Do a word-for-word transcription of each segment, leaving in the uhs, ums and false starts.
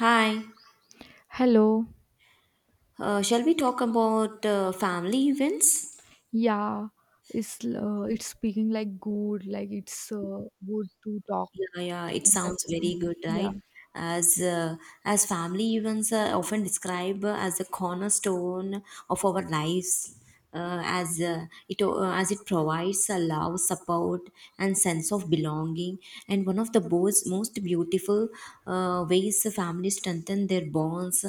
Hi, Hello. uh, shall we talk about uh, family events? Yeah, it's uh, it's speaking like good, like it's uh, good to talk Yeah, yeah, it on that sounds very topic. good, Yeah. right? As uh, as family events are often described uh, as the cornerstone of our lives, uh, as uh, it uh, as it provides a love, support, and sense of belonging. And one of the most most beautiful uh, ways families strengthen their bonds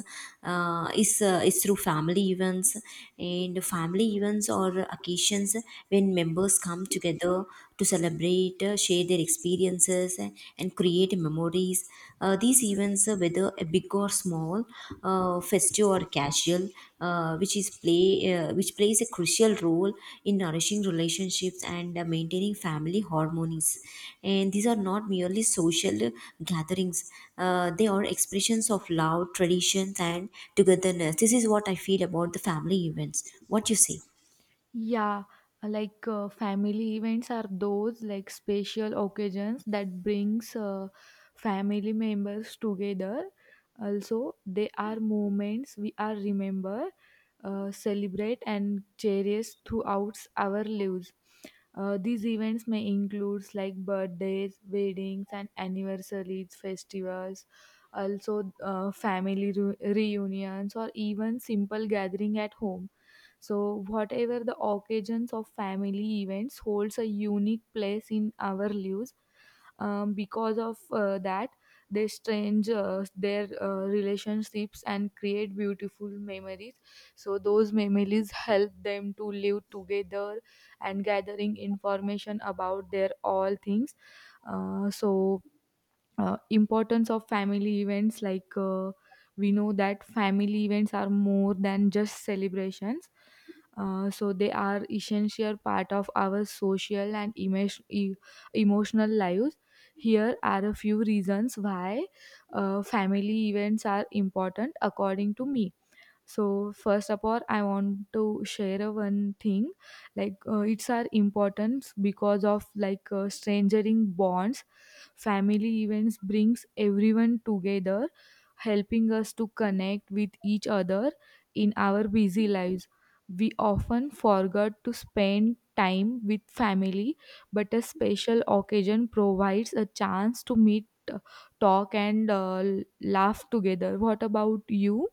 uh, is uh, is through family events. And family events or occasions when members come together to celebrate, uh, share their experiences, and, and create memories. Uh, these events, uh, whether uh, big or small, uh, festive or casual, uh, which is play uh, which plays a crucial role in nourishing relationships and uh, maintaining family harmonies. And these are not merely social gatherings; uh, they are expressions of love, traditions, and togetherness. This is what I feel about the family events. What you say? Yeah, like uh, family events are those like special occasions that brings uh, family members together. Also, they are moments we are remember, uh, celebrate and cherish throughout our lives. Uh, these events may include like birthdays, weddings, and anniversaries, festivals, also uh, family reu- reunions, or even simple gathering at home. So, whatever the occasions of family events holds a unique place in our lives. Um, because of uh, that, they strange uh, their uh, relationships and create beautiful memories. So those memories help them to live together and gathering information about their all things. Uh, so uh, importance of family events, like uh, we know that family events are more than just celebrations, uh, so they are essential part of our social and emotion, e- emotional lives. Here are a few reasons why uh, family events are important according to me. So first of all, I want to share a one thing, like uh, it's our importance because of like uh, strangering bonds. Family events brings everyone together, helping us to connect with each other in our busy lives. We often forget to spend time with family, but a special occasion provides a chance to meet, uh, talk, and uh, laugh together. What about you?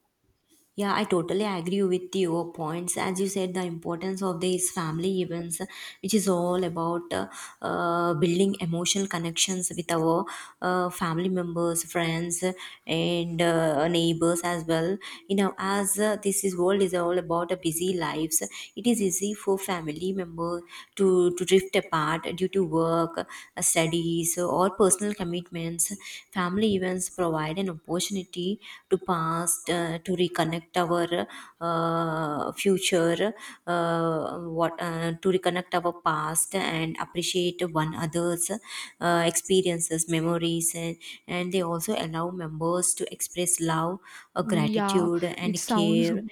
Yeah, I totally agree with your points. As you said, the importance of these family events, which is all about uh, uh, building emotional connections with our uh, family members, friends, and uh, neighbors as well. You know, as uh, this is world is all about a busy lives, it is easy for family members to to drift apart due to work, uh, studies, or personal commitments. Family events provide an opportunity to past uh, to reconnect our uh, future uh, what uh, to reconnect our past and appreciate one another's uh, experiences memories and, and they also allow members to express love uh, Yeah, gratitude and it sounds care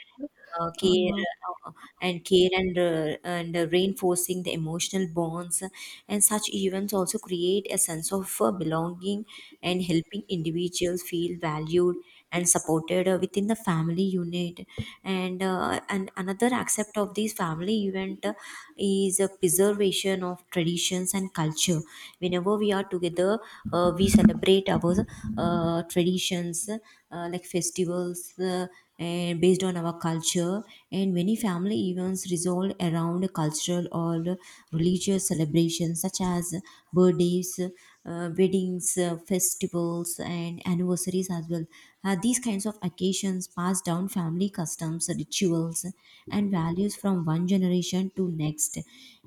uh, care uh uh, and care and uh, and uh, reinforcing the emotional bonds and such events also create a sense of uh, belonging and helping individuals feel valued and supported uh, within the family unit and uh, and another aspect of this family event uh, is a preservation of traditions and culture whenever we are together, uh, we celebrate our uh, traditions, uh, like festivals, uh, and based on our culture. And many family events resolve around cultural or religious celebrations such as birthdays, uh, weddings, uh, festivals, and anniversaries as well. Uh, these kinds of occasions pass down family customs, rituals, and values from one generation to next.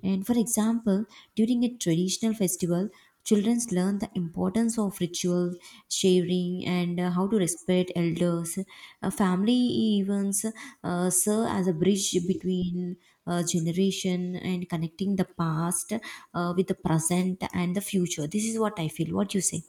And for example, during a traditional festival, children learn the importance of ritual, sharing, and uh, how to respect elders. Uh, family events uh, serve as a bridge between uh, generation and connecting the past uh, with the present and the future. This is what I feel. What do you say?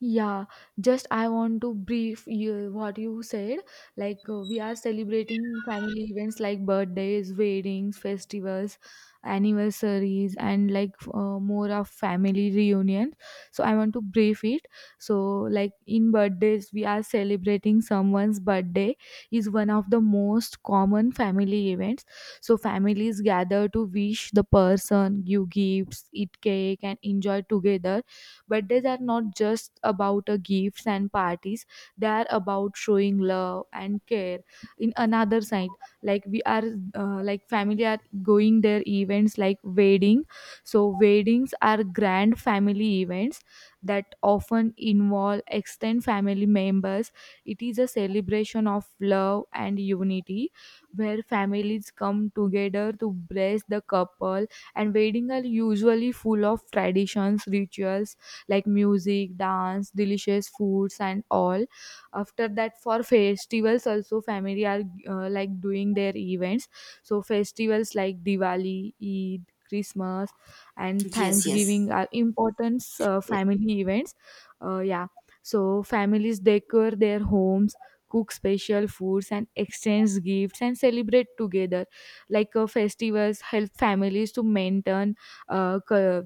Yeah, just I want to brief you what you said. Like uh, we are celebrating family events like birthdays, weddings, festivals, anniversaries, and like uh, more of family reunions. So I want to brief it. So like in birthdays, we are celebrating someone's birthday is one of the most common family events. So families gather to wish the person, give gifts, eat cake, and enjoy together. Birthdays are not just about uh, gifts and parties, they are about showing love and care. In another side, like we are, uh, like family are going their events like wedding. So, weddings are grand family events that often involve extended family members. It is a celebration of love and unity where families come together to bless the couple, and weddings are usually full of traditions rituals like music dance delicious foods and all. After that, for festivals also family are uh, like doing their events. So festivals like Diwali, Eid, Christmas, and Yes, yes. Thanksgiving are important uh, family events. Uh, yeah. So families decor their homes, cook special foods and exchange gifts and celebrate together. Like uh, festivals help families to maintain uh, cu-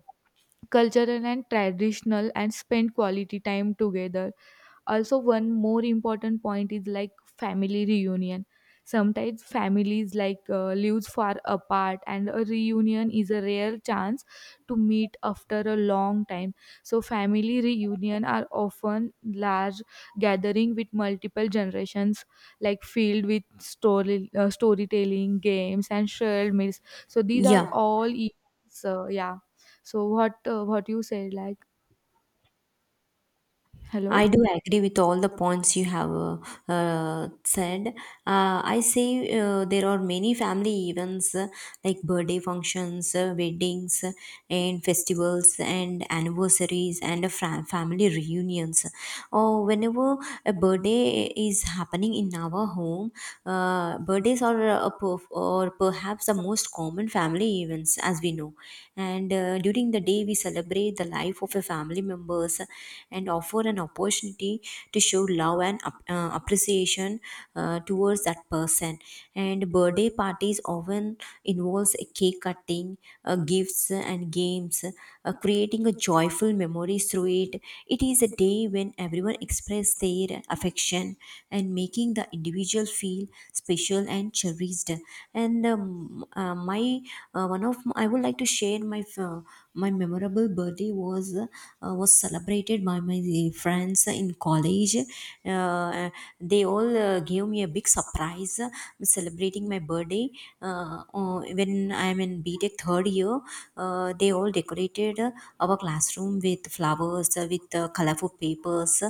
cultural and traditional and spend quality time together. Also, one more important point is like family reunion. Sometimes families like uh, lives far apart and a reunion is a rare chance to meet after a long time. So family reunion are often large gathering with multiple generations, like filled with story uh, storytelling games and shared meals. So these are Yeah. all events. Uh, yeah. So what uh, what you said, like I hello. do agree with all the points you have uh, uh, said. Uh, I say uh, there are many family events, uh, like birthday functions, uh, weddings, uh, and festivals, and anniversaries, and uh, fra- family reunions. Or whenever a birthday is happening in our home, uh, birthdays are, uh, a or perhaps the most most common family events, as we know. And uh, during the day, we celebrate the life of a family members and offer an opportunity to show love and ap- uh, appreciation uh, towards that person. And birthday parties often involves a cake cutting, uh, gifts, and games, uh, creating a joyful memories through it. It is a day when everyone never express their affection and making the individual feel special and cherished. And um, uh, my uh, one of i would like to share my f- my memorable birthday. Was uh, was celebrated by my eh, friends in college. uh, they all uh, gave me a big surprise, uh, celebrating my birthday uh, uh, when when I'm in BTech third year. Uh, they all decorated uh, our classroom with flowers, uh, with uh, colorful papers,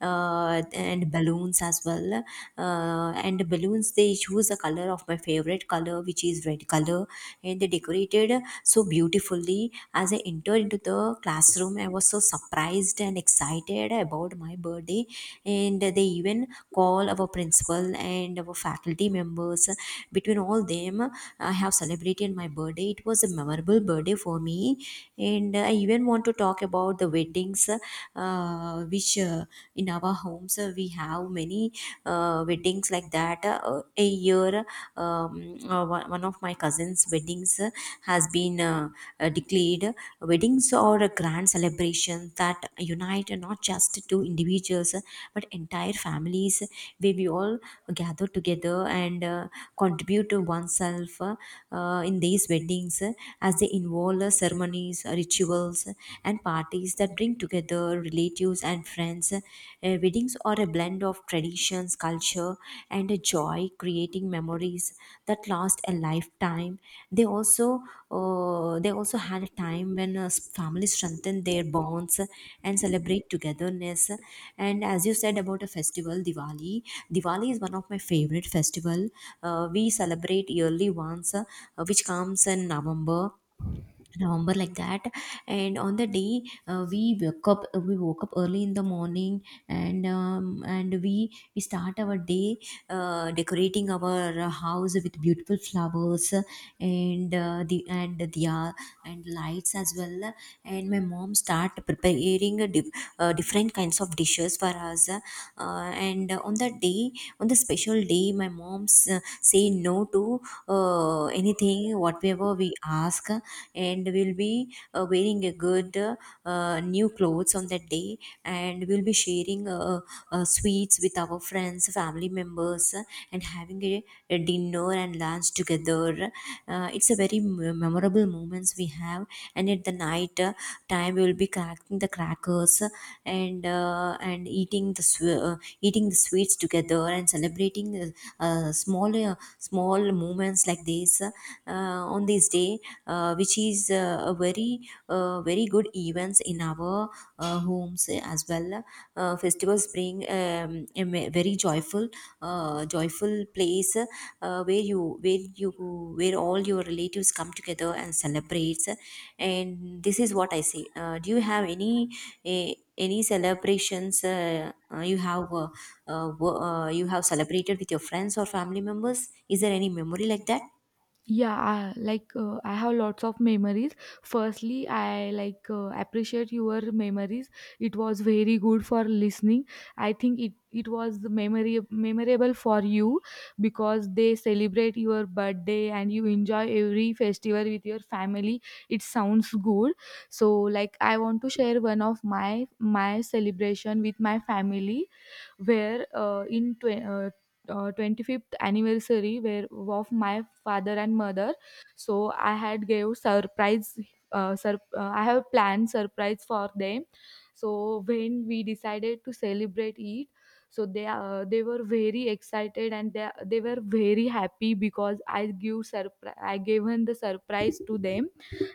uh, and balloons as well. Uh, and the balloons, they choose a color of my favorite color, which is red color, and they decorated so beautifully. As I entered into the classroom, I was so surprised and excited about my birthday, and they even call our principal and our faculty members. Between all them, I have celebrated my birthday. It was a memorable birthday for me, and I even want to talk about the weddings, uh, which uh, in our homes, uh, we have many uh, weddings like that. Uh, a year, um, uh, one one of my cousins' weddings uh, has been uh, uh, declared. Weddings are a grand celebration that unite not just two individuals but entire families, where we all gather together and uh, contribute to oneself uh, uh, in these weddings, uh, as they involve uh, ceremonies, uh, rituals, uh, and parties that bring together relatives and friends. Uh, weddings are a blend of traditions, culture, and a joy, creating memories that last a lifetime. They also uh, they also had a time when uh, families strengthened their bonds and celebrate togetherness. And as you said about a festival, diwali diwali is one of my favorite festival. Uh, we celebrate yearly once, uh, which comes in november November like that, and on the day, uh, we woke up, uh, we woke up early in the morning, and um, and we we start our day uh, decorating our uh, house with beautiful flowers and uh, the and the uh, and lights as well. And my mom start preparing a dif- uh, different kinds of dishes for us. Uh, and on that day, on the special day, my mom's uh, say no to uh, anything whatever we ask, and we'll be uh, wearing a good uh, new clothes on that day, and we'll be sharing uh, uh, sweets with our friends family members and having a, a dinner and lunch together. Uh, it's a very m- memorable moments we have. And at the night uh, time, we will be cracking the crackers and uh, and eating the sw- uh, eating the sweets together and celebrating, uh, uh, small uh, small moments like this, uh, on this day, uh, which is uh, a very uh, very good events in our uh, homes eh, as well. Uh, festivals bring um, a me- very joyful, uh, joyful place, uh, where you where you where all your relatives come together and celebrates. And this is what I say. Uh, do you have any eh, any celebrations uh, uh, you have uh, uh, wo- uh, you have celebrated with your friends or family members? Is there any memory like that? Yeah, I, like uh, i have lots of memories. Firstly, I like uh, appreciate your memories. It was very good for listening. I think it it was memory memorable for you, because they celebrate your birthday and you enjoy every festival with your family. It sounds good. So like I want to share one of my my celebration with my family, where uh, in tw- uh, uh, twenty-fifth anniversary where of my father and mother. So I had gave surprise, uh, sur- uh, I have planned surprise for them. So when we decided to celebrate it, so they uh, they were very excited, and they they were very happy because I give surpri- I given the surprise to them.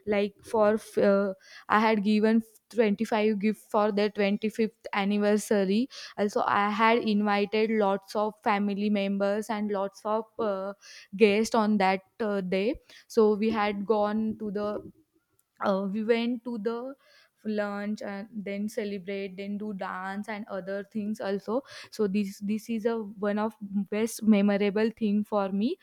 Like for f- uh, I had given twenty-five gift for their twenty-fifth anniversary. Also, I had invited lots of family members and lots of uh, guests on that uh, day. So we had gone to the uh, we went to the lunch and then celebrate, then do dance and other things also. So this this is a one of best memorable thing for me.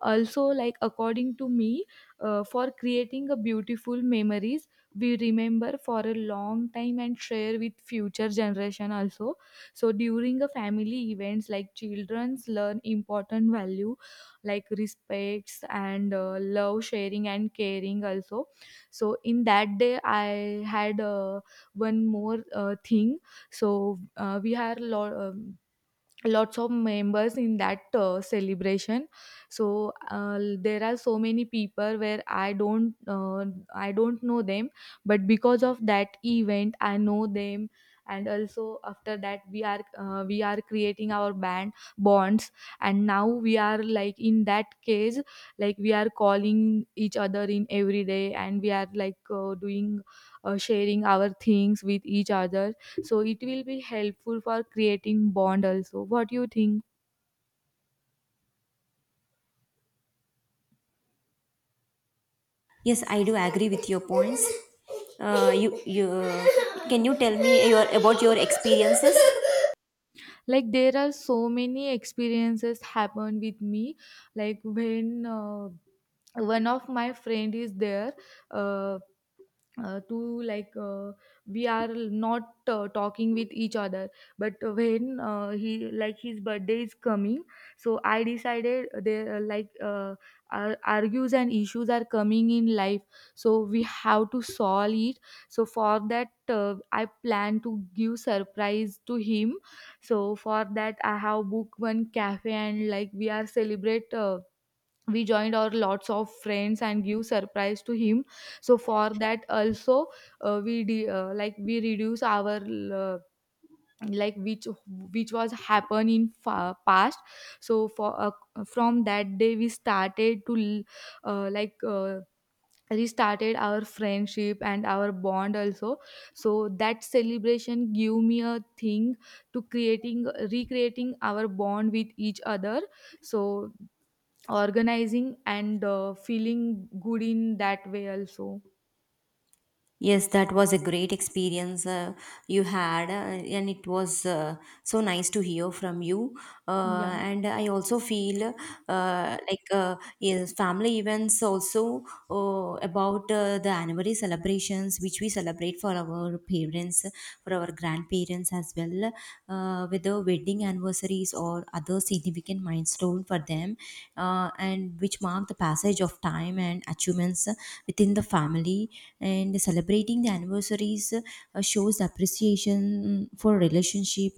Also, like, according to me, uh, for creating a beautiful memories, we remember for a long time and share with future generation also. So during a family events, like childrens learn important value like respects and uh, love, sharing, and caring also. So in that day I had, uh, one more uh, thing. So uh, we had lot lots of members in that uh, celebration. So uh, there are so many people where i don't uh, i don't know them, but because of that event I know them. And also after that, we are uh, we are creating our band bonds. And now we are like in that case, like we are calling each other in every day, and we are like uh, doing uh, sharing our things with each other. So it will be helpful for creating bond also. What do you think? Yes, I do agree with your points. Uh, you you can you tell me your about your experiences? Like there are so many experiences happen with me. Like when uh, one of my friend is there, uh, uh, to like uh, we are not uh, talking with each other. But when uh, he like his birthday is coming, so I decided there, uh, like uh, ar- argues and issues are coming in life, so we have to solve it. So for that, uh, I plan to give surprise to him. So for that, I have booked one cafe, and like we are celebrate, uh, we joined our lots of friends and give surprise to him. So for that also, uh, we de- uh, like we reduce our, uh, like which which was happen in fa- past. So for uh, from that day we started to uh, like uh, restarted our friendship and our bond also. So that celebration give me a thing to creating recreating our bond with each other. So organizing and uh, feeling good in that way also. Yes, that was a great experience uh, you had, uh, and it was uh, so nice to hear from you. Uh, yeah. And I also feel uh, like uh, yes, family events also uh, about uh, the anniversary celebrations which we celebrate for our parents, for our grandparents as well, uh, whether wedding anniversaries or other significant milestone for them, uh, and which mark the passage of time and achievements uh, within the family. And celebrating the anniversaries uh, shows appreciation for relationship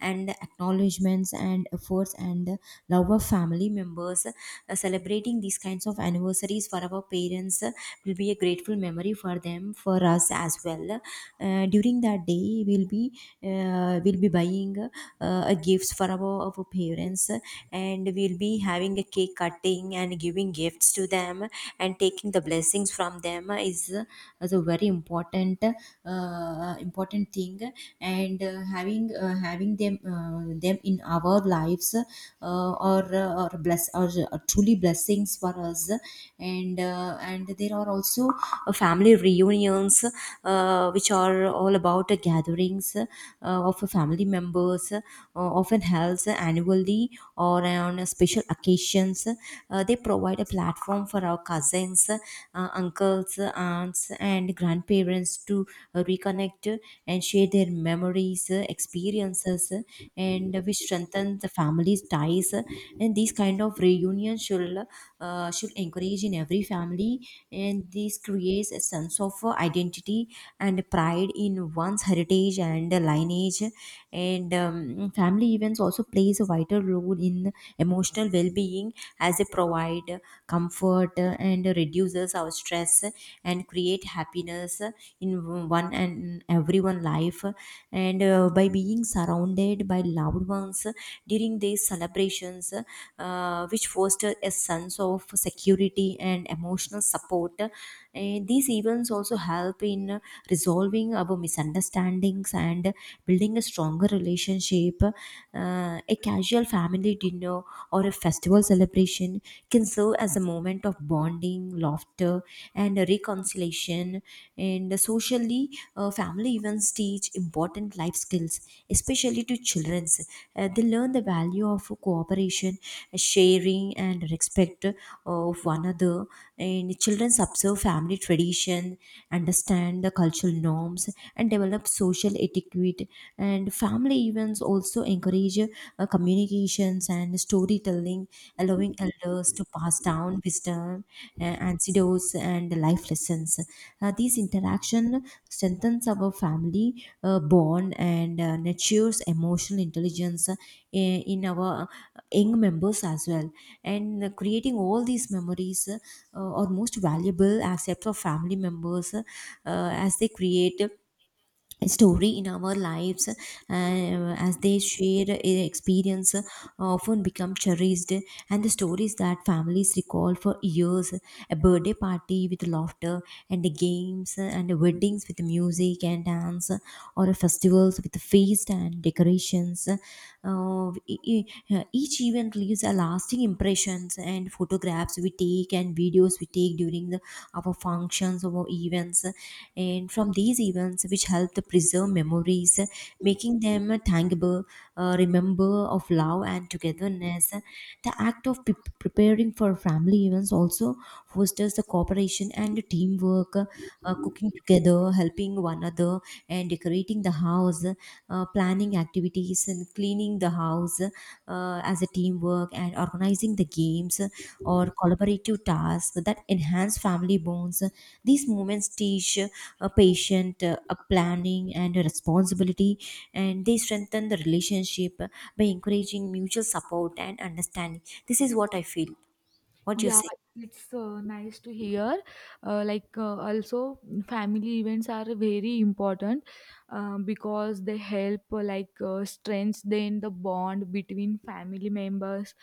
and acknowledgements and efforts and love of family members. Uh, celebrating these kinds of anniversaries for our parents will be a grateful memory for them, for us as well. Uh, during that day, we'll be uh, we'll be buying uh, a gifts for our, our parents, and we'll be having a cake cutting and giving gifts to them, and taking the blessings from them is, is a very important uh, important thing. And uh, having uh, having them uh, them in our lives uh, or uh, or bless or uh, truly blessings for us. And uh, and there are also uh, family reunions, uh, which are all about uh, gatherings uh, of family members, uh, often held annually or on special occasions. Uh, they provide a platform for our cousins, uh, uncles, aunts, and grandparents to uh, reconnect and share their memories, uh, experiences, uh, and which strengthen the family's ties. And these kind of reunions should uh, should encourage in every family, and this creates a sense of uh, identity and pride in one's heritage and lineage. And um, Family events also plays a vital role in emotional well-being, as they provide comfort and reduces our stress and create happiness in one and everyone life. And uh, By being surrounded by loved ones during these celebrations, uh, which foster a sense of security and emotional support. And these events also help in resolving our misunderstandings and building a stronger relationship. Uh, a casual casual family dinner or a festival celebration can serve as a moment of bonding, laughter, and reconciliation. And socially, uh, family events teach important life skills, especially to children. Uh, they learn the value of cooperation, sharing, and respect uh, of one another. And children observe family tradition, understand the cultural norms, and develop social etiquette and and family events also encourage uh, communications and storytelling, allowing elders to pass down wisdom, uh, antidotes and life lessons. Uh, these interaction strengthens our family uh, bond, and uh, nurtures emotional intelligence uh, in in our young members as well. And uh, creating all these memories uh, are most valuable assets of family members, uh, as they create story in our lives, uh, as they share their experience, uh, often become cherished, and the stories that families recall for years: a birthday party with laughter and the games, uh, and the weddings with music and dance, uh, or a festivals with feast and decorations. Uh, e- e- each event leaves a lasting impressions, and photographs we take and videos we take during the, our functions, our events, and from these events, which help to preserve memories, making them tangible, uh, remember of love and togetherness. The act of pre- preparing for family events also fosters the cooperation and teamwork. Uh, cooking together, helping one another, and decorating the house, uh, planning activities, and cleaning the house uh, as a teamwork, and organizing the games or collaborative tasks that enhance family bonds. These moments teach a patient, uh, a planning, and a responsibility, and they strengthen the relationship by encouraging mutual support and understanding. This is what I feel. What do you Yeah, say? it's uh, nice to hear. Uh, like, uh, also, family events are very important, uh, because they help, uh, like, uh, strengthen the bond between family members,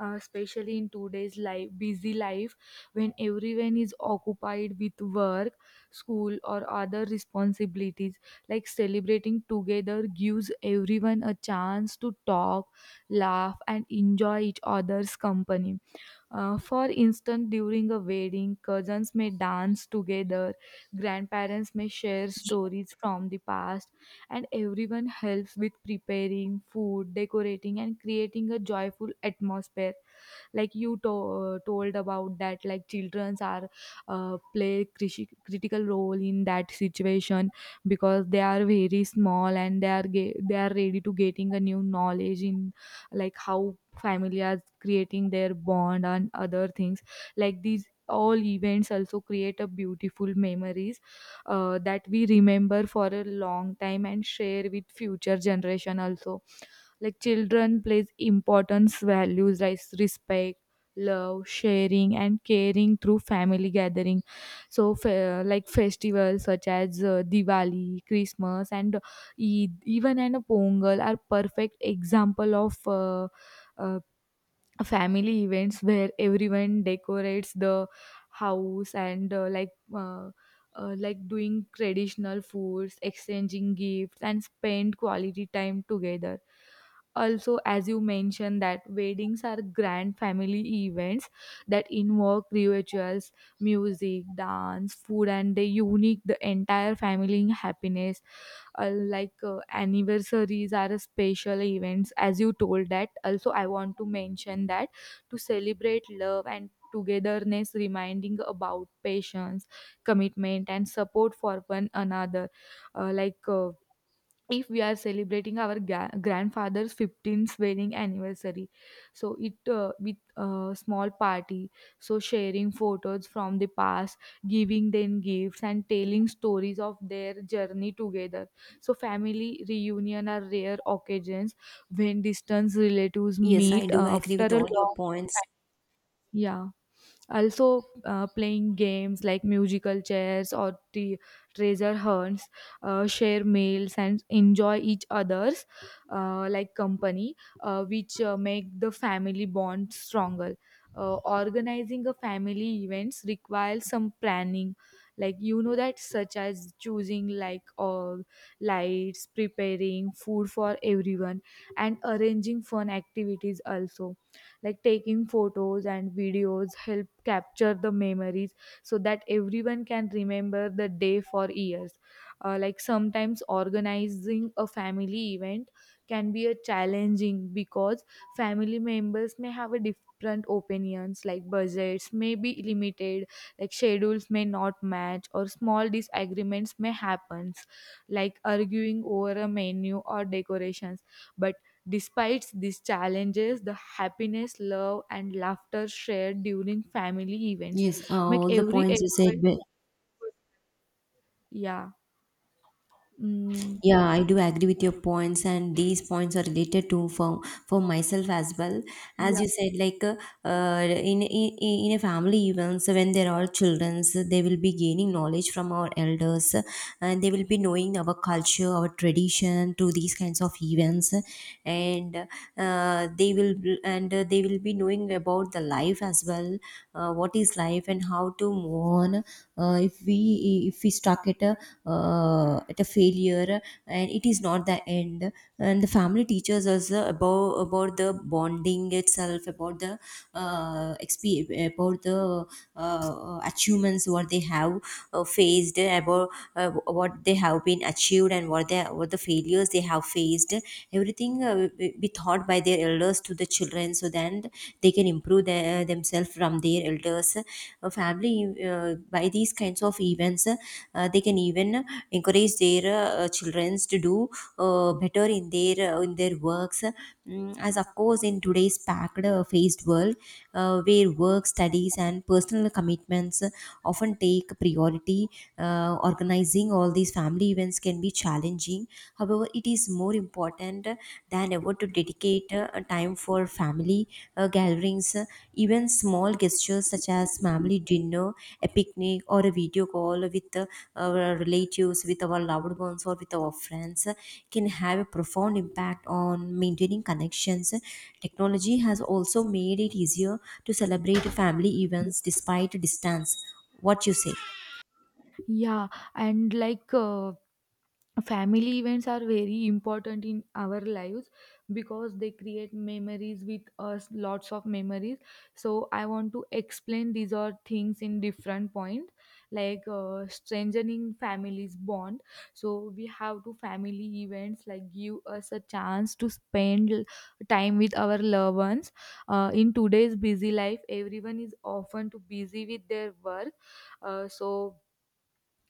uh, especially in today's life, busy life, when everyone is occupied with work, school, or other responsibilities. Like, celebrating together gives everyone a chance to talk, laugh, and enjoy each other's company. Uh, for instance, during a wedding, cousins may dance together, grandparents may share Ye- stories from the past, and everyone helps with preparing food, decorating, and creating a joyful atmosphere. Like you to- told about that, like childrens are, uh, play criti- critical role in that situation, because they are very small, and they are ge- they are ready to getting a new knowledge in like how family are creating their bond and other things. Like these all events also create a beautiful memories uh, that we remember for a long time and share with future generation also. Like children plays importance values like respect, love, sharing, and caring through family gathering. So fe- like festivals such as uh, Diwali, Christmas, and Eid, even and Pongal are perfect example of uh, uh, family events, where everyone decorates the house, and uh, like uh, uh, like doing traditional foods, exchanging gifts and spend quality time together. Also, as you mentioned, that weddings are grand family events that involve rituals, music, dance, food, and they unique the entire family in happiness. Uh, like uh, anniversaries are special events, as you told that. Also, I want to mention that to celebrate love and togetherness, reminding about patience, commitment, and support for one another. Uh, like uh, if we are celebrating our ga- grandfather's fifteenth wedding anniversary, so it, uh, with a small party, so sharing photos from the past, giving them gifts and telling stories of their journey together. So family reunion are rare occasions when distant relatives Yes, I meet do uh, agree after with a all your long points. time. Yeah. Also, uh, playing games like musical chairs or the treasure hunts, uh, share meals and enjoy each other's uh, like company, uh, which uh, make the family bond stronger. Uh, organizing a family events requires some planning, like you know that, such as choosing like uh, lights, preparing food for everyone, and arranging fun activities also, like taking photos and videos help capture the memories, so that everyone can remember the day for years. Uh, like sometimes organizing a family event can be a challenging, because family members may have a different opinions, like budgets may be limited, like schedules may not match, or small disagreements may happen, like arguing over a menu or decorations. But despite these challenges, the happiness, love, and laughter shared during family events Yes, uh, make all the every. points you said were. Yeah. Mm, Yeah, I do agree with your points, and these points are related to for, for myself as well. As yeah, you said, like uh, uh, in, in in a family events, when there are children, they will be gaining knowledge from our elders, and they will be knowing our culture, our tradition through these kinds of events, and uh, they will, and uh, they will be knowing about the life as well. Uh, what is life, life, and how to move on uh, if we if we stuck at a uh, at a failure, and it is not the end. And the family teaches us uh, about about the bonding itself, about the uh, exp- about the uh, achievements what they have uh, faced, about uh, what they have been achieved, and what they, what the failures they have faced, everything uh, be taught by their elders to the children, so then they can improve their, themselves from their elders. A family, uh, by these kinds of events, uh, they can even encourage their uh, children to do uh, better in their, uh, in their works. Mm, as of course in today's packed uh, faced world, uh, where work, studies, and personal commitments often take priority, uh, organizations organizing all these family events can be challenging. However, it is more important uh, than ever to dedicate uh, a time for family uh, gatherings. Uh, Even small gestures such as family dinner, a picnic, or a video call with uh, our relatives, with our loved ones, or with our friends uh, can have a profound impact on maintaining connections. Technology has also made it easier to celebrate family events despite distance. What you say? yeah, and like uh, family events are very important in our lives, because they create memories with us, lots of memories. So I want to explain these are things in different point. Like uh, strengthening families bond. So we have to family events like give us a chance to spend l- time with our loved ones. Uh, in today's busy life, everyone is often too busy with their work. uh, so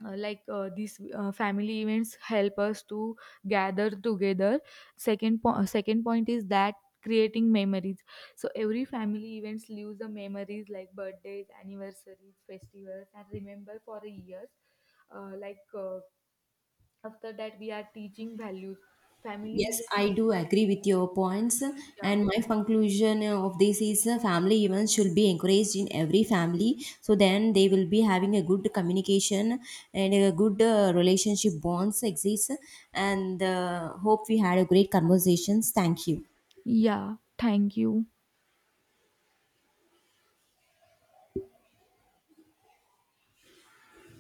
uh, like uh, these uh, family events help us to gather together. Second, po- uh, second point is that creating memories. So every family events leaves the memories like birthdays, anniversaries, festivals, and remember for a year. Uh, like uh, after that we are teaching values, family Yes, I events. do agree with your points. Yeah. And my conclusion uh, of this is uh, family events should be encouraged in every family, so then they will be having a good communication and a good uh, relationship bonds exist. And uh, hope we had a great conversations. Thank you. Yeah, thank you.